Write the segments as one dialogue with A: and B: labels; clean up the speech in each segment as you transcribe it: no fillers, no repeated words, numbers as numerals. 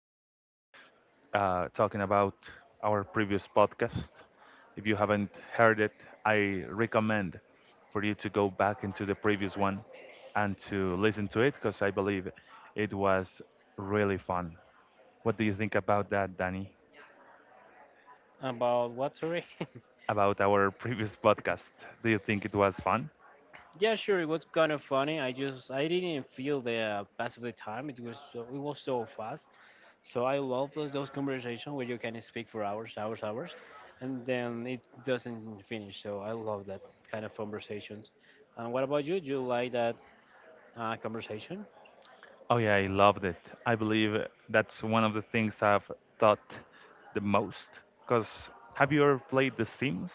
A: lot talking about our previous podcast. If you haven't heard it, I recommend for you to go back into the previous one and to listen to it because I believe it was really fun. What do you think about that, Danny?
B: About what? Sorry.
A: About our previous podcast? Do you think it was fun?
B: Yeah, sure. It was kind of funny. I just I didn't feel the pass of the time. It was so fast. So I love those conversations where you can speak for hours, hours, hours, and then it doesn't finish. So I love that kind of conversations. And what about you? Do you like that conversation?
A: Oh yeah, I loved it. I believe that's one of the things I've thought the most. Cause have you ever played The Sims,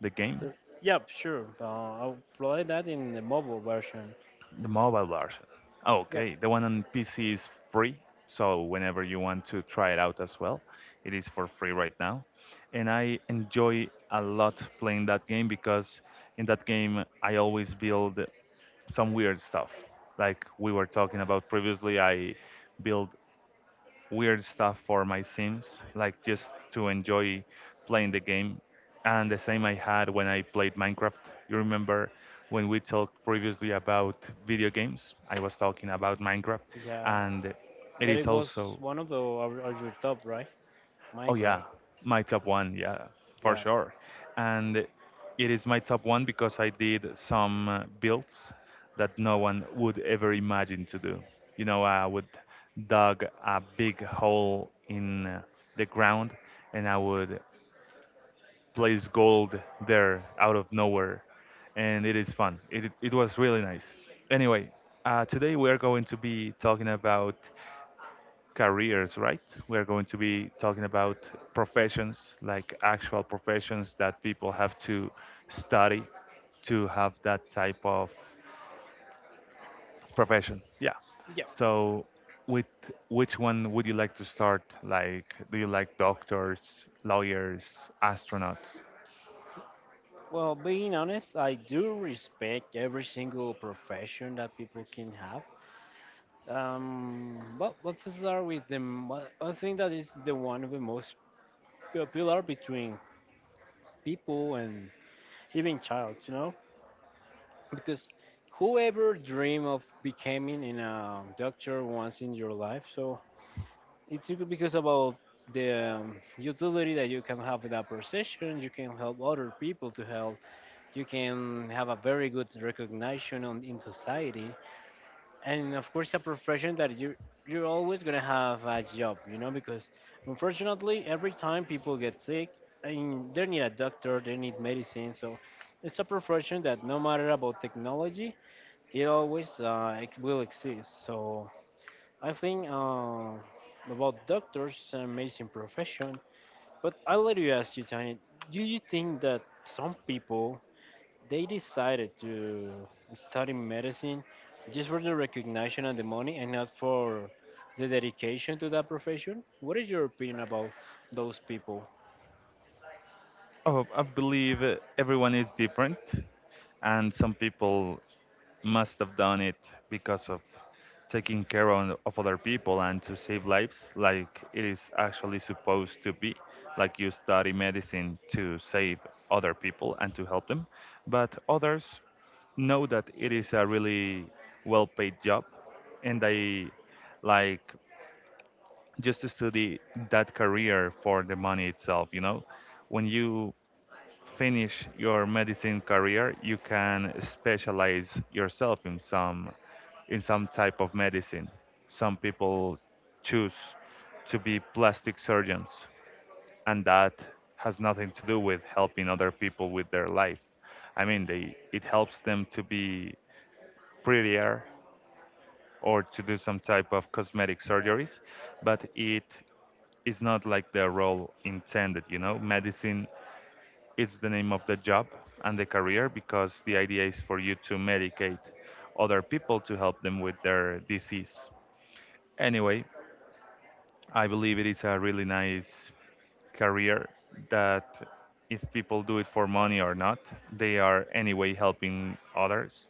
A: the game,
B: Th- Yep, sure. I'll play that in the mobile version.
A: the mobile version? Oh,
B: Yep,
A: okay, the one on PC is free, so whenever you want to try it out as well, it is for free right now. And I enjoy a lot playing that game because in that game I always build some weird stuff. Like we were talking about previously, I build weird stuff for my Sims, like just to enjoy playing the game. And the same I had when I played Minecraft. You remember when we talked previously about video games? I was talking about Minecraft,
B: yeah.
A: and it
B: That
A: is
B: it was
A: also
B: one of your top, right?
A: Oh
B: Minecraft.
A: yeah, my top one, yeah, for
B: Yeah.
A: sure. And it is my top one because I did some builds that no one would ever imagine to do. You know, I would dug a big hole in the ground and I would place gold there out of nowhere. And it is fun. It was really nice. Anyway, today we are going to be talking about careers, right? We are going to be talking about professions, like actual professions that people have to study to have that type of profession. Yeah.
B: Yeah.
A: So, with which one would you like to start? Like, do you like doctors, lawyers, astronauts?
B: Well, being honest, I do respect every single profession that people can have. Well, let's start with the m- one one thing that is the one of the most popular between people and even childs, you know, because whoever dream of becoming in a doctor once in your life, so it's good because about the utility that you can have in that profession, you can help other people to help, you can have a very good recognition in society, and of course a profession that you're always gonna have a job, you know, because unfortunately every time people get sick, and they need a doctor, they need medicine, so it's a profession that no matter about technology, it always will exist. So I think about doctors, it's an amazing profession. But I'll let you ask you, Tony, do you think that some people they decided to study medicine just for the recognition and the money and not for the dedication to that profession. What is your opinion about those people?
A: Oh, I believe everyone is different, and some people must have done it because of taking care on, of other people and to save lives like it is actually supposed to be like you study medicine to save other people and to help them but others know that it is a really well paid job and they like just to study that career for the money itself, you know, when you finish your medicine career, you can specialize yourself in some type of medicine. Some people choose to be plastic surgeons, and that has nothing to do with helping other people with their life. I mean, they it helps them to be prettier or to do some type of cosmetic surgeries, but it is not like the role intended. You know, medicine, it's the name of the job and the career because the idea is for you to medicate other people to help them with their disease. Anyway, I believe it is a really nice career that if people do it for money or not, they are anyway helping others.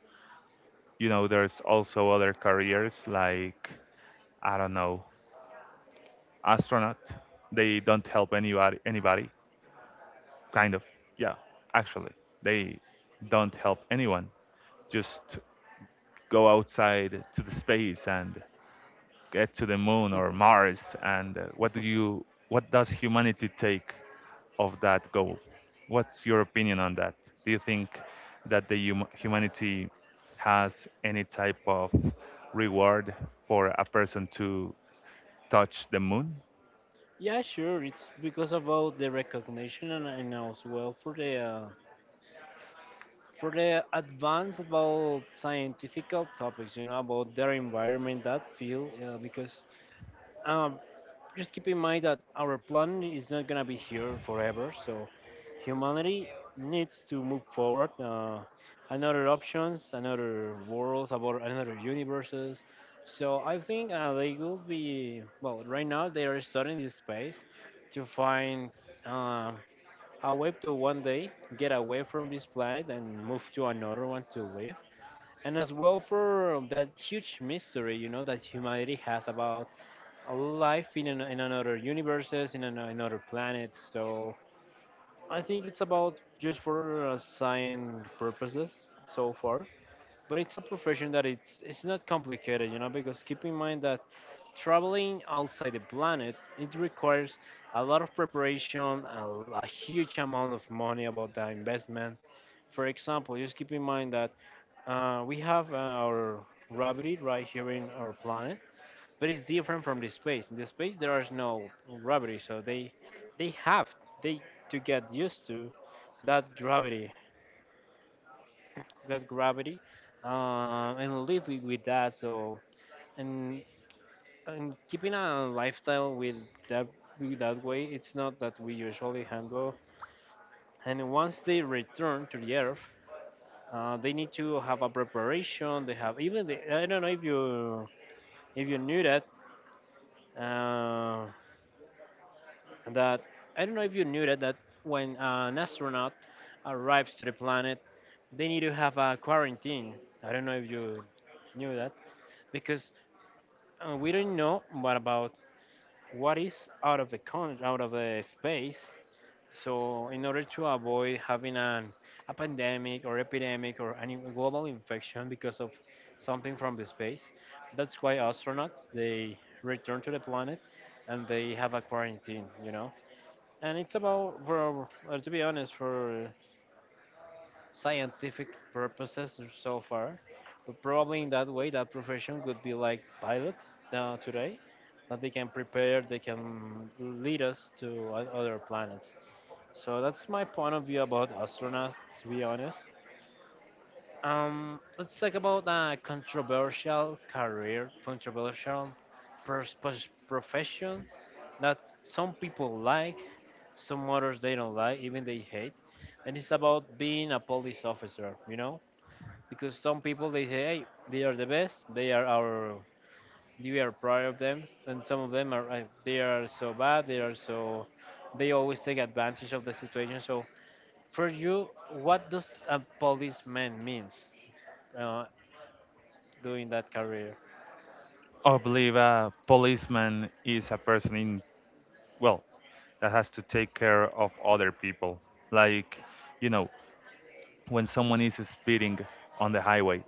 A: You know, there's also other careers like, I don't know, astronaut. They don't help anybody, kind of. Yeah, actually, they don't help anyone. Just go outside to the space and get to the moon or Mars? And what does humanity take of that goal? What's your opinion on that? Do you think that humanity has any type of reward for a person to touch the moon?
B: Yeah, sure. It's because about the recognition and as well for the advance about scientific topics. You know about their environment, that field. Because um, just keep in mind that our plan is not gonna be here forever. So humanity needs to move forward. Another options, another worlds, about another universes. So I think they will be well. Right now they are studying this space to find uh, a way to one day get away from this planet and move to another one to live. And as well for that huge mystery, you know, that humanity has about life in another universes, another planet. So I think it's about just for science purposes so far. But it's a profession that it's not complicated, you know, because keep in mind that traveling outside the planet it requires a lot of preparation, a huge amount of money about the investment. For example, just keep in mind that we have our gravity right here in our planet but it's different from the space. In the space, there is no gravity, so they have they to get used to that gravity, that gravity, and live with that. So and and keeping a lifestyle that with that way, it's not that we usually handle. And once they return to the earth, they need to have a preparation. They have even the, I don't know if you knew that. Um that I don't know if you knew that that when an astronaut arrives to the planet, they need to have a quarantine. I don't know if you knew that because we don't know what about what is out of the space. So in order to avoid having an a pandemic or epidemic or any global infection because of something from the space, that's why astronauts they return to the planet and they have a quarantine. You know and it's about for to be honest for scientific purposes so far but probably in that way that profession could be like pilots now today that they can prepare they can lead us to other planets so that's my point of view about astronauts to be honest. Let's talk about a controversial career, controversial profession that some people like, some others they don't like, even they hate. And it's about being a police officer, you know? Because some people they say, hey, they are the best, they are our, we are proud of them, and some of them are, they are so bad, they are so, they always take advantage of the situation. So, for you, what does a policeman means? uh, Doing that career.
A: I believe a policeman is a person in, well, that has to take care of other people. Like, you know, when someone is speeding on the highway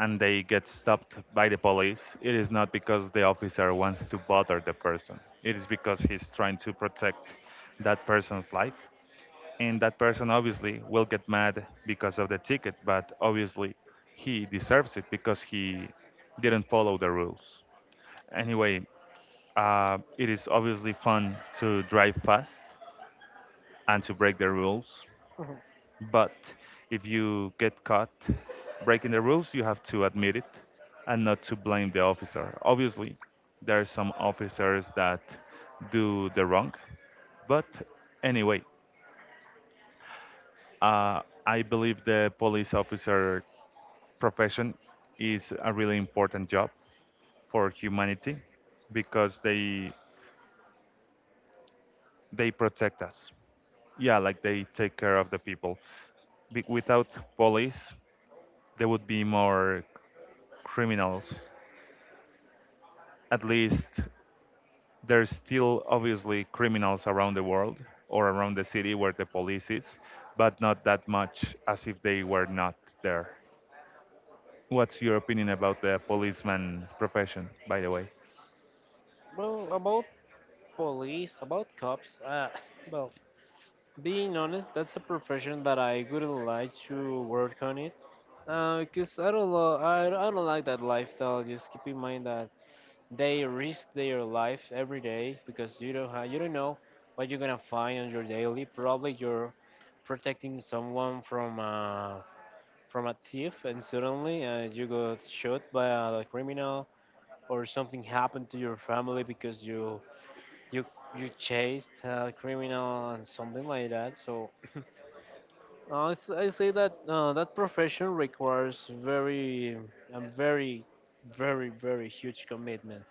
A: and they get stopped by the police, it is not because the officer wants to bother the person. It is because he's trying to protect that person's life. And that person obviously will get mad because of the ticket, but obviously he deserves it because he didn't follow the rules. Anyway, it is obviously fun to drive fast and to break the rules, but if you get caught breaking the rules, you have to admit it and not to blame the officer. Obviously, there are some officers that do the wrong, but anyway, I believe the police officer profession is a really important job for humanity because they protect us. Yeah, like they take care of the people. Without police, there would be more criminals. At least there's still obviously criminals around the world or around the city where the police is, but not that much as if they were not there. What's your opinion about the policeman profession, by the way?
B: Well, about police, about cops, well, being honest, that's a profession that I wouldn't like to work on it. Cause I don't like that lifestyle. Just keep in mind that they risk their life every day because you don't know what you're gonna find on your daily. Probably you're protecting someone from a thief, and suddenly you got shot by a criminal, or something happened to your family because you you chased a criminal and something like that. So I say that that profession requires very a very very very huge commitment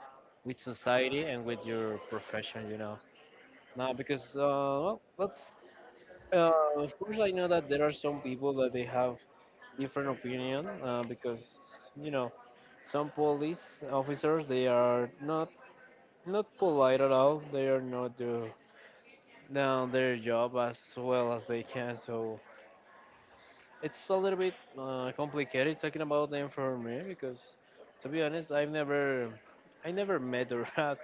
B: with society and with your profession. You know now because well, let's of course I know that there are some people that they have different opinion because you know some police officers they are not polite at all. They are not. Down their job as well as they can. So it's a little bit complicated talking about them for me because, to be honest, I never met or had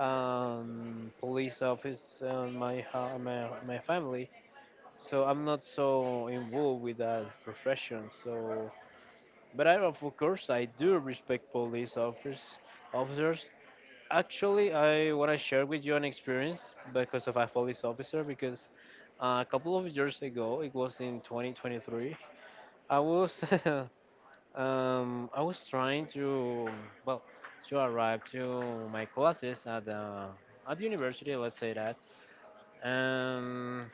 B: police office on my my family. So I'm not so involved with that profession. So, but I of course I do respect police officers. Officers, actually, I want to share with you an experience because of a police officer. Because a couple of years ago, it was in 2023, I was I was trying to well to arrive to my classes at the university. Let's say that, and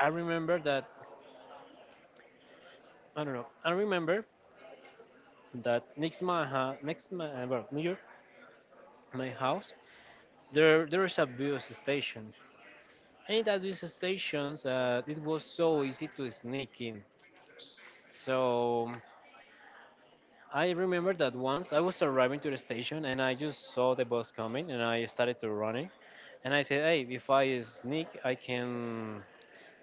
B: I remember that I don't know. I remember that next my well near my house there is a bus station. And in that these stations, it was so easy to sneak in. So I remember that once I was arriving to the station and I just saw the bus coming and I started to running. And I said, hey, if I sneak, I can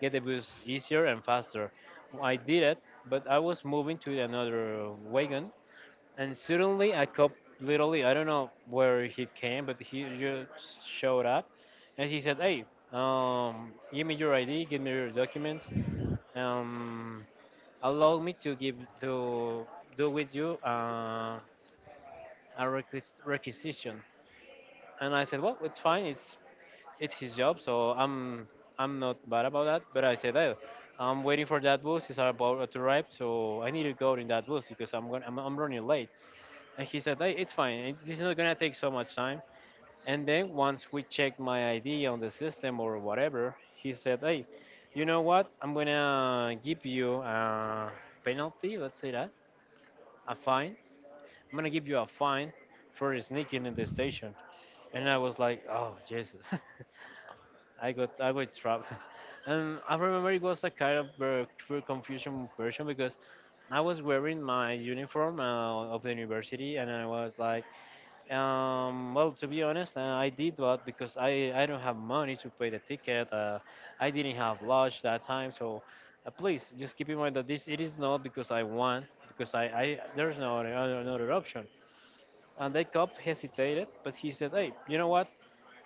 B: get the bus easier and faster. I did it, but I was moving to another wagon and suddenly a cop literally, I don't know where he came, but he just showed up and he said, hey, give me your ID, give me your documents, um, allow me to give to do with you a requisition and I said well it's fine it's his job so I'm not bad about that but I said hey, I'm waiting for that bus it's about to arrive so I need to go in that bus because I'm running late and he said hey it's fine this is not gonna take so much time. And then once we checked my ID on the system or whatever, he said, "Hey, you know what? I'm gonna give you a penalty. Let's say that a fine. I'm gonna give you a fine for sneaking in the station." And I was like, "Oh Jesus, I got trapped." And I remember it was a kind of true confusion version because I was wearing my uniform of the university, and I was like, well, to be honest, I did what because I don't have money to pay the ticket. I didn't have lunch that time, so please just keep in mind that this it is not because I want because I there's no another option. And the cop hesitated, but he said, "Hey, you know what?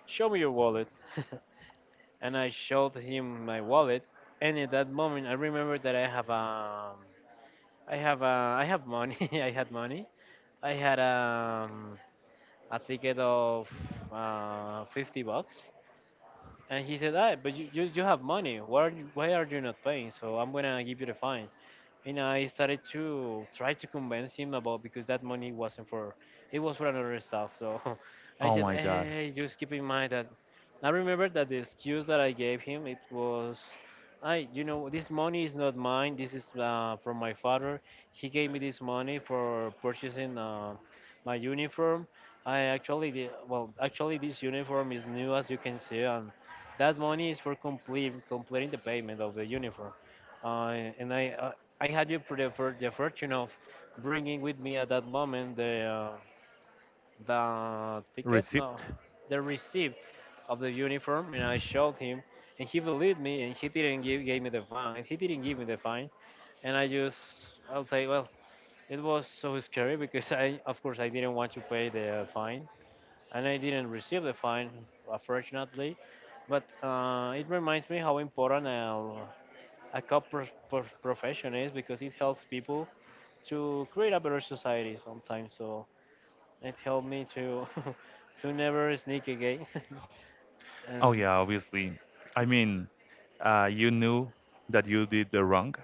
B: Show me your wallet." And I showed him my wallet, and at that moment I remember that I have I have I have money. I had money. I had a ticket of 50 bucks. And he said, ah, but you have money. Why are you not paying? So I'm going to give you the fine and I started to try to convince him about because that money wasn't for it was for another stuff. So I
A: Oh
B: said,
A: my god.
B: hey, just keep in mind that I remember that the excuse that I gave him it was, I you know this money is not mine. This is from my father. He gave me this money for purchasing my uniform. I actually did, well actually this uniform is new as you can see, and that money is for complete completing the payment of the uniform uh, and I, I had you for for the fortune of bringing with me at that moment the, uh, the ticket, no,
A: Receipt?
B: the receipt of the uniform, and I showed him, and he believed me, and he didn't give gave me the fine, he didn't give me the fine, and I just I'll say, well, it was so scary because I of course I didn't want to pay the fine, and I didn't receive the fine, unfortunately, but it reminds me how important a cop profession is because it helps people to create a better society sometimes. So it helped me to to never sneak again.
A: Oh
B: And
A: yeah, obviously. I mean, you knew that you did the wrong,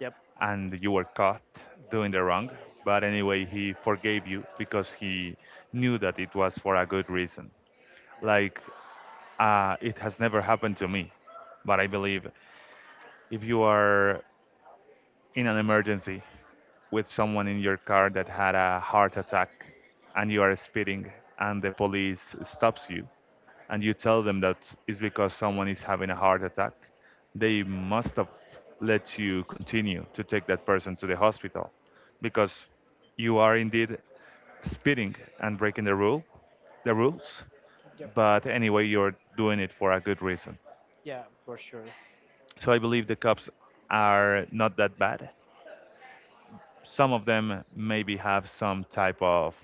B: yep.
A: and you were caught doing the wrong. But anyway, he forgave you because he knew that it was for a good reason. Like, it has never happened to me, but I believe if you are in an emergency with someone in your car that had a heart attack and you are speeding and the police stops you and you tell them that it's because someone is having a heart attack, they must have let you continue to take that person to the hospital because you are indeed speeding and breaking the rules,
B: Yep.
A: but anyway, you're doing it for a good reason.
B: Yeah, for sure.
A: So I believe the cops are not that bad. Some of them maybe have some type of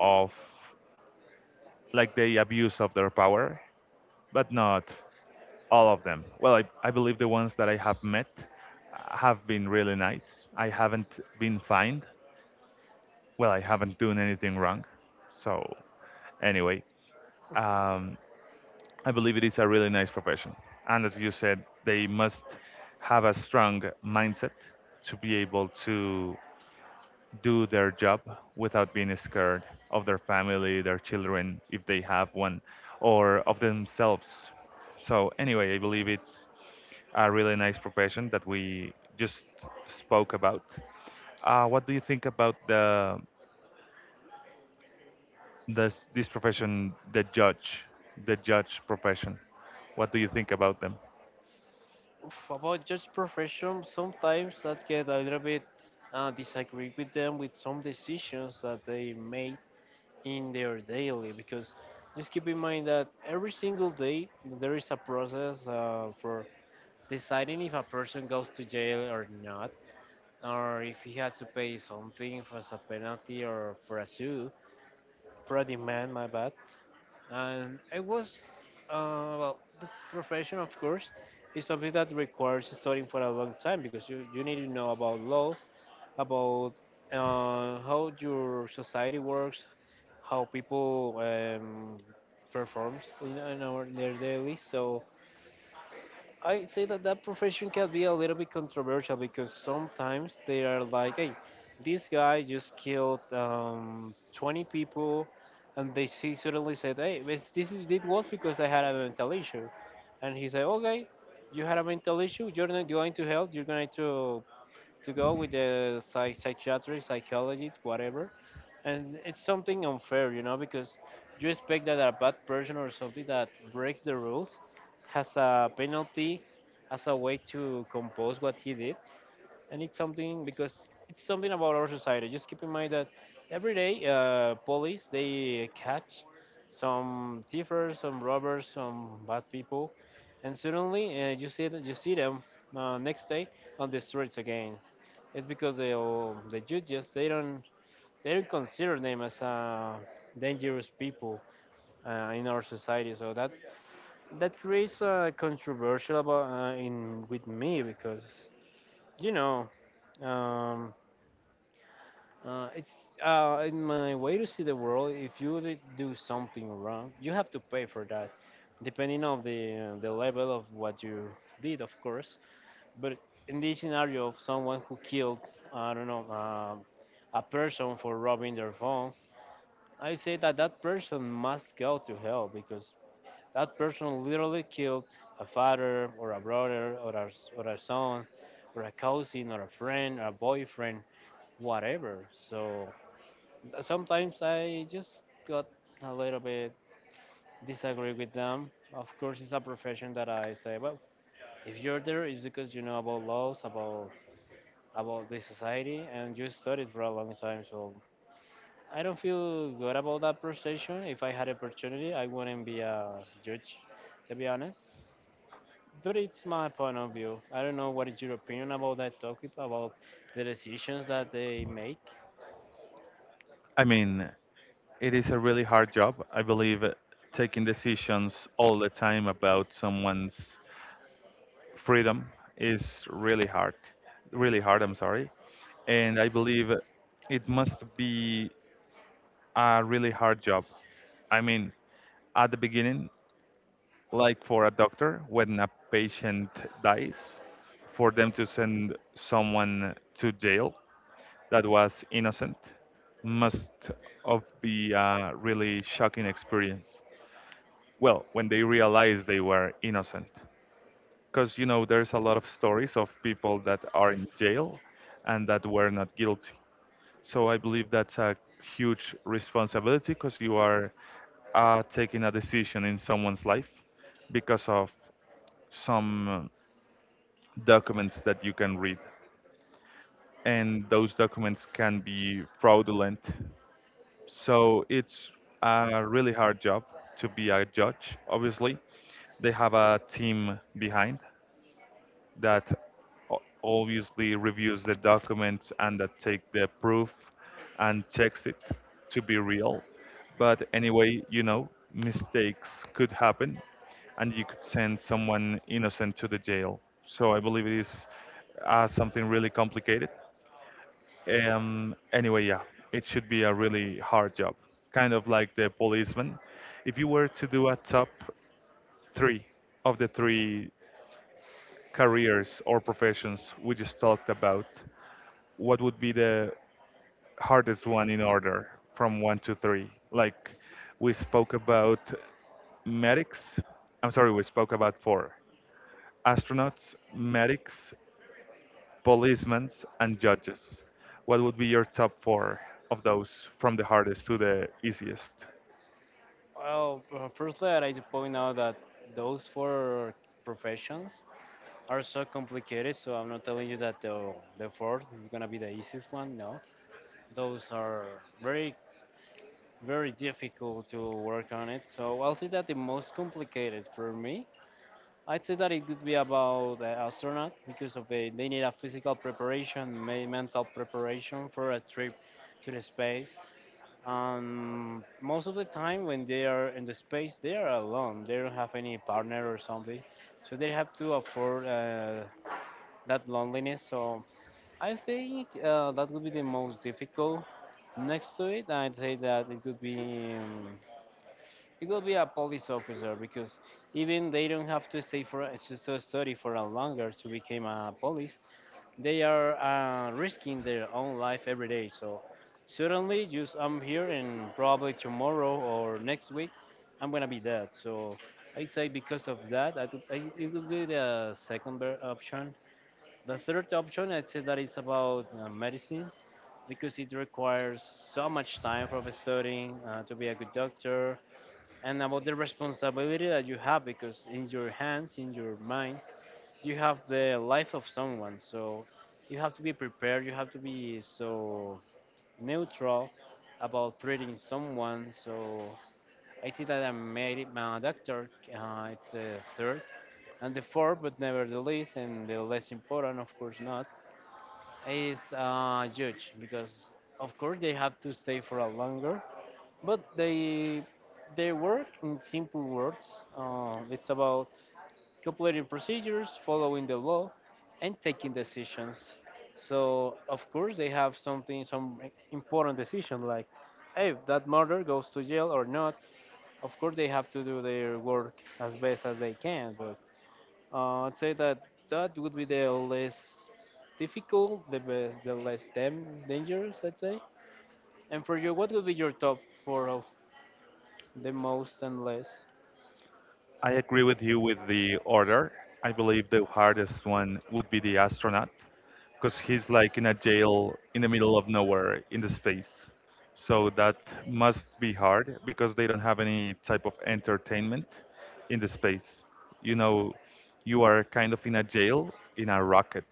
A: of like the abuse of their power, but not all of them. Well, I believe the ones that I have met have been really nice. I haven't been fined. Well, I haven't done anything wrong. So, anyway, um, I believe it is a really nice profession. And as you said, they must have a strong mindset to be able to do their job without being scared of their family, their children, if they have one, or of themselves. So, anyway, I believe it's a really nice profession that we just spoke about. What do you think about the this this profession, the judge profession? What do you think about them?
B: Oof, about just profession, sometimes that get a little bit disagree with them with some decisions that they made in their daily, because just keep in mind that every single day there is a process for deciding if a person goes to jail or not, or if he has to pay something for a penalty or for a sue, for a demand, my bad. And I was, well, the profession, of course, is something that requires studying for a long time because you need to know about laws, about how your society works, how people performs in their daily. So I say that that profession can be a little bit controversial because sometimes they are like, hey, this guy just killed 20 people, and they he suddenly said, hey, this is it was because I had a mental issue, and he said, okay, you had a mental issue, you're not going to help, you're going to go with the psychiatric, psychologist, whatever, and it's something unfair, you know, because you expect that a bad person or something that breaks the rules has a penalty as a way to compose what he did, and it's something because it's something about our society. Just keep in mind that every day police they catch some thievers, some robbers, some bad people, and suddenly you see that you see them next day on the streets again. It's because they the judges they don't consider them as dangerous people in our society. So that that creates a controversial about in with me because you know um, it's in my way to see the world. If you do something wrong, you have to pay for that, depending on the level of what you did, of course. But in this scenario of someone who killed, I don't know. A person for robbing their phone, I say that that person must go to hell because that person literally killed a father or a brother or a son or a cousin or a friend or a boyfriend, whatever. So sometimes I just got a little bit disagree with them. Of course, it's a profession that I say, well, if you're there, it's because you know about laws, about the society, and you studied for a long time. So I don't feel good about that position. If I had opportunity, I wouldn't be a judge, to be honest. But it's my point of view. I don't know what is your opinion about that topic, about the decisions that they make.
A: I mean, it is a really hard job. I believe taking decisions all the time about someone's freedom is really hard, really hard. I'm sorry, and I believe it must be a really hard job. I mean, at the beginning, like for a doctor, when a patient dies, for them to send someone to jail that was innocent must of be a really shocking experience. Well, when they realize they were innocent. Because you know there's a lot of stories of people that are in jail and that were not guilty. So I believe that's a huge responsibility because you are taking a decision in someone's life because of some documents that you can read, and those documents can be fraudulent. So it's a really hard job to be a judge. Obviously, they have a team behind that obviously reviews the documents and that take the proof and checks it to be real. But anyway, you know, mistakes could happen and you could send someone innocent to the jail. So I believe it is something really complicated. Anyway, yeah, it should be a really hard job, kind of like the policeman. If you were to do a top three of the three careers or professions we just talked about, what would be the hardest one in order from one to three? Like we spoke about medics. I'm sorry, we spoke about four astronauts, medics, policemen, and judges. What would be your top four of those from the hardest to the easiest?
B: Well, firstly, I'd like to point out that those four professions are so complicated. So I'm not telling you that the fourth is gonna be the easiest one. No, those are very very difficult to work on it. So I'll say that the most complicated for me, I'd say that it could be about the astronaut because of the, they need a physical preparation, may mental preparation for a trip to the space. And most of the time when they are in the space, they are alone. They don't have any partner or something, so they have to afford that loneliness. So I think that would be the most difficult. Next to it, I'd say that it could be. It will be a police officer because even they don't have to stay for to study for a longer to become a police. They are risking their own life every day. So suddenly, just I'm here and probably tomorrow or next week, I'm gonna be dead. So I say because of that, I it will be the second option. The third option, I'd say that is about medicine because it requires so much time for the studying to be a good doctor, and about the responsibility that you have because in your hands in your mind you have the life of someone, so you have to be prepared, you have to be so neutral about treating someone. So I see that I'm made my doctor, it's the third. And the fourth, but never the least and the less important, of course not, it's huge because, of course, they have to stay for a longer, but they work in simple words. It's about completing procedures, following the law, and taking decisions. So, of course, they have something, some important decision like, hey, that murder goes to jail or not. Of course, they have to do their work as best as they can, but I'd say that that would be the less difficult, the best, the less dangerous, I'd say. And for you, what would be your top four of the most and less?
A: I agree with you with the order. I believe the hardest one would be the astronaut because he's like in a jail in the middle of nowhere in the space. So that must be hard because they don't have any type of entertainment in the space. You know, you are kind of in a jail in a rocket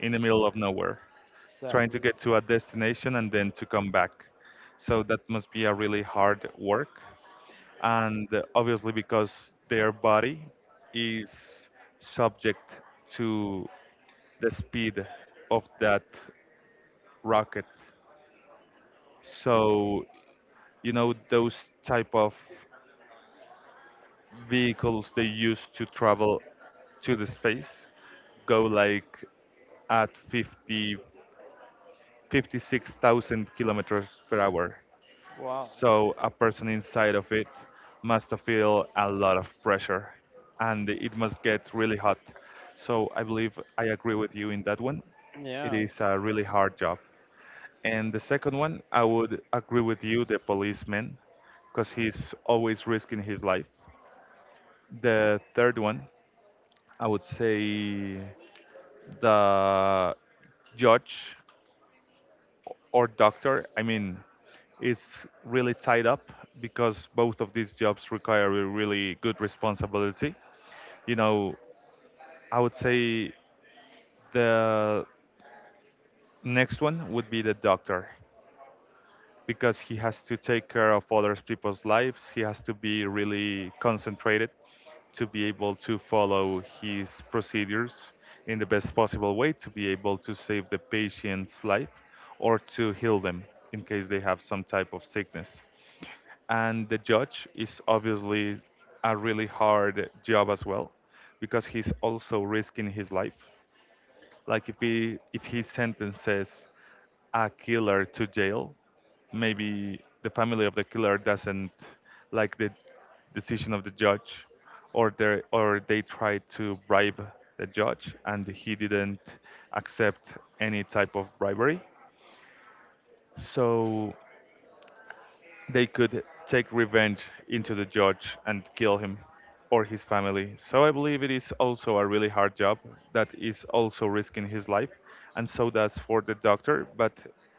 A: in the middle of nowhere, trying to
B: Exactly.
A: get to a destination and then to come back. So that must be a really hard work and obviously because their body is subject to the speed of that rocket. So you know those type of vehicles they use to travel to the space go like at 50 56,000 kilometers per hour.
B: Wow.
A: So a person inside of it must feel a lot of pressure and it must get really hot. So I believe I agree with you in that one. It
B: Yeah, it's.
A: is a really hard job. And the second one, I would agree with you, the policeman, because he's always risking his life. The third one, I would say the judge, or doctor, I mean, is really tied up because both of these jobs require a really good responsibility. You know, I would say the next one would be the doctor, because he has to take care of other people's lives. He has to be really concentrated to be able to follow his procedures in the best possible way to be able to save the patient's life or to heal them in case they have some type of sickness. And the judge is obviously a really hard job as well because he's also risking his life. Like if his sentence says a killer to jail, maybe the family of the killer doesn't like the decision of the judge, or they tried to bribe the judge and he didn't accept any type of bribery. So they could take revenge into the judge and kill him or his family. So I believe it is also a really hard job that is also risking his life, and so does for the doctor, but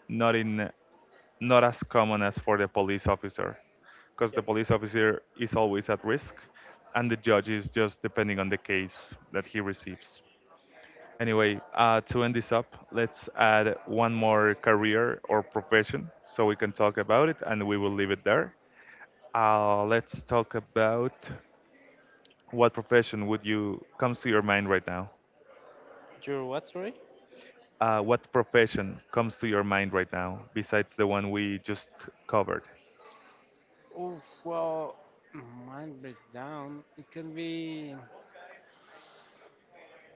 A: not in not as common as for the police officer, because the
B: Yep.
A: police officer is always at risk, and the judge is just depending on the case that he receives. Anyway, to end this up, let's add one more career or profession so we can talk about it and we will leave it there. Let's talk about what profession would you comes to your mind right now?
B: Your what, sorry?
A: What profession comes to your mind right now besides the one we just covered?
B: Oh, well, mine breakdown. It can be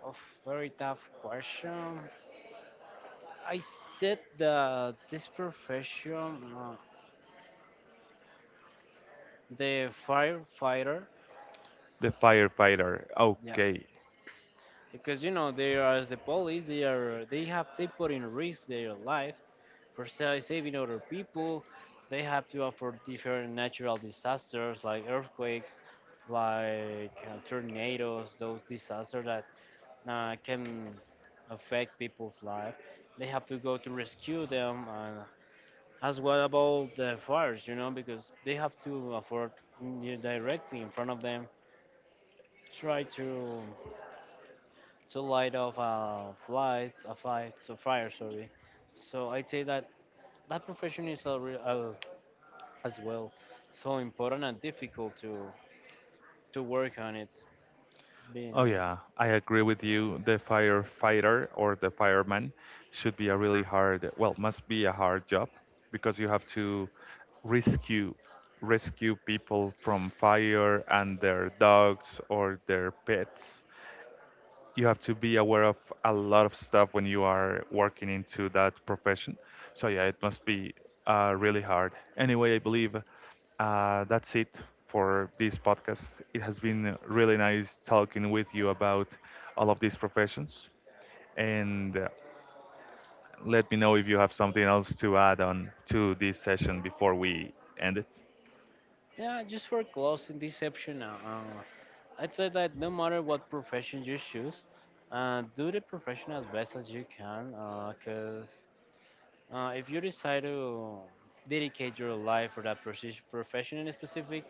B: a very tough question. I said that this profession, the firefighter,
A: The firefighter.
B: yeah,
A: Okay.
B: because you know they are, as the police, they are they have they put in risk their life for saving other people. They have to offer different natural disasters like earthquakes, like tornadoes, those disasters that can affect people's life. They have to go to rescue them, and as well about the fires, you know, because they have to afford directly in front of them, try to light off a flight, a fight, so fire, sorry. So I'd say that that profession is a real, as well so important and difficult to work on it. Being
A: Oh
B: honest,
A: yeah, I agree with you. The firefighter or the fireman should be a really hard, well, must be a hard job because you have to rescue rescue people from fire and their dogs or their pets. You have to be aware of a lot of stuff when you are working into that profession. So yeah, it must be really hard. Anyway, I believe that's it for this podcast. It has been really nice talking with you about all of these professions. And let me know if you have something else to add on to this session before we end it.
B: yeah. Just for closing this section, I'd say that no matter what profession you choose, do the profession as best as you can. Because if you decide to dedicate your life for that profession in specific,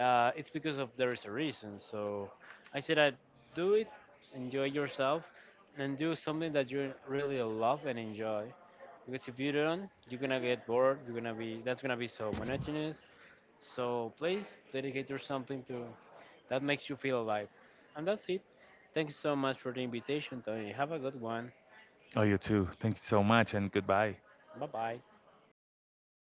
B: It's because of there is a reason. So I say that do it, enjoy yourself, and do something that you really love and enjoy. Because if you don't, you're gonna get bored. You're gonna be that's gonna be so monotonous. So please dedicate yourself something to that makes you feel alive. And that's it. Thank you so much for the invitation, Tony. Have a good one.
A: Oh, you too. Thank you so much and goodbye.
B: Bye bye.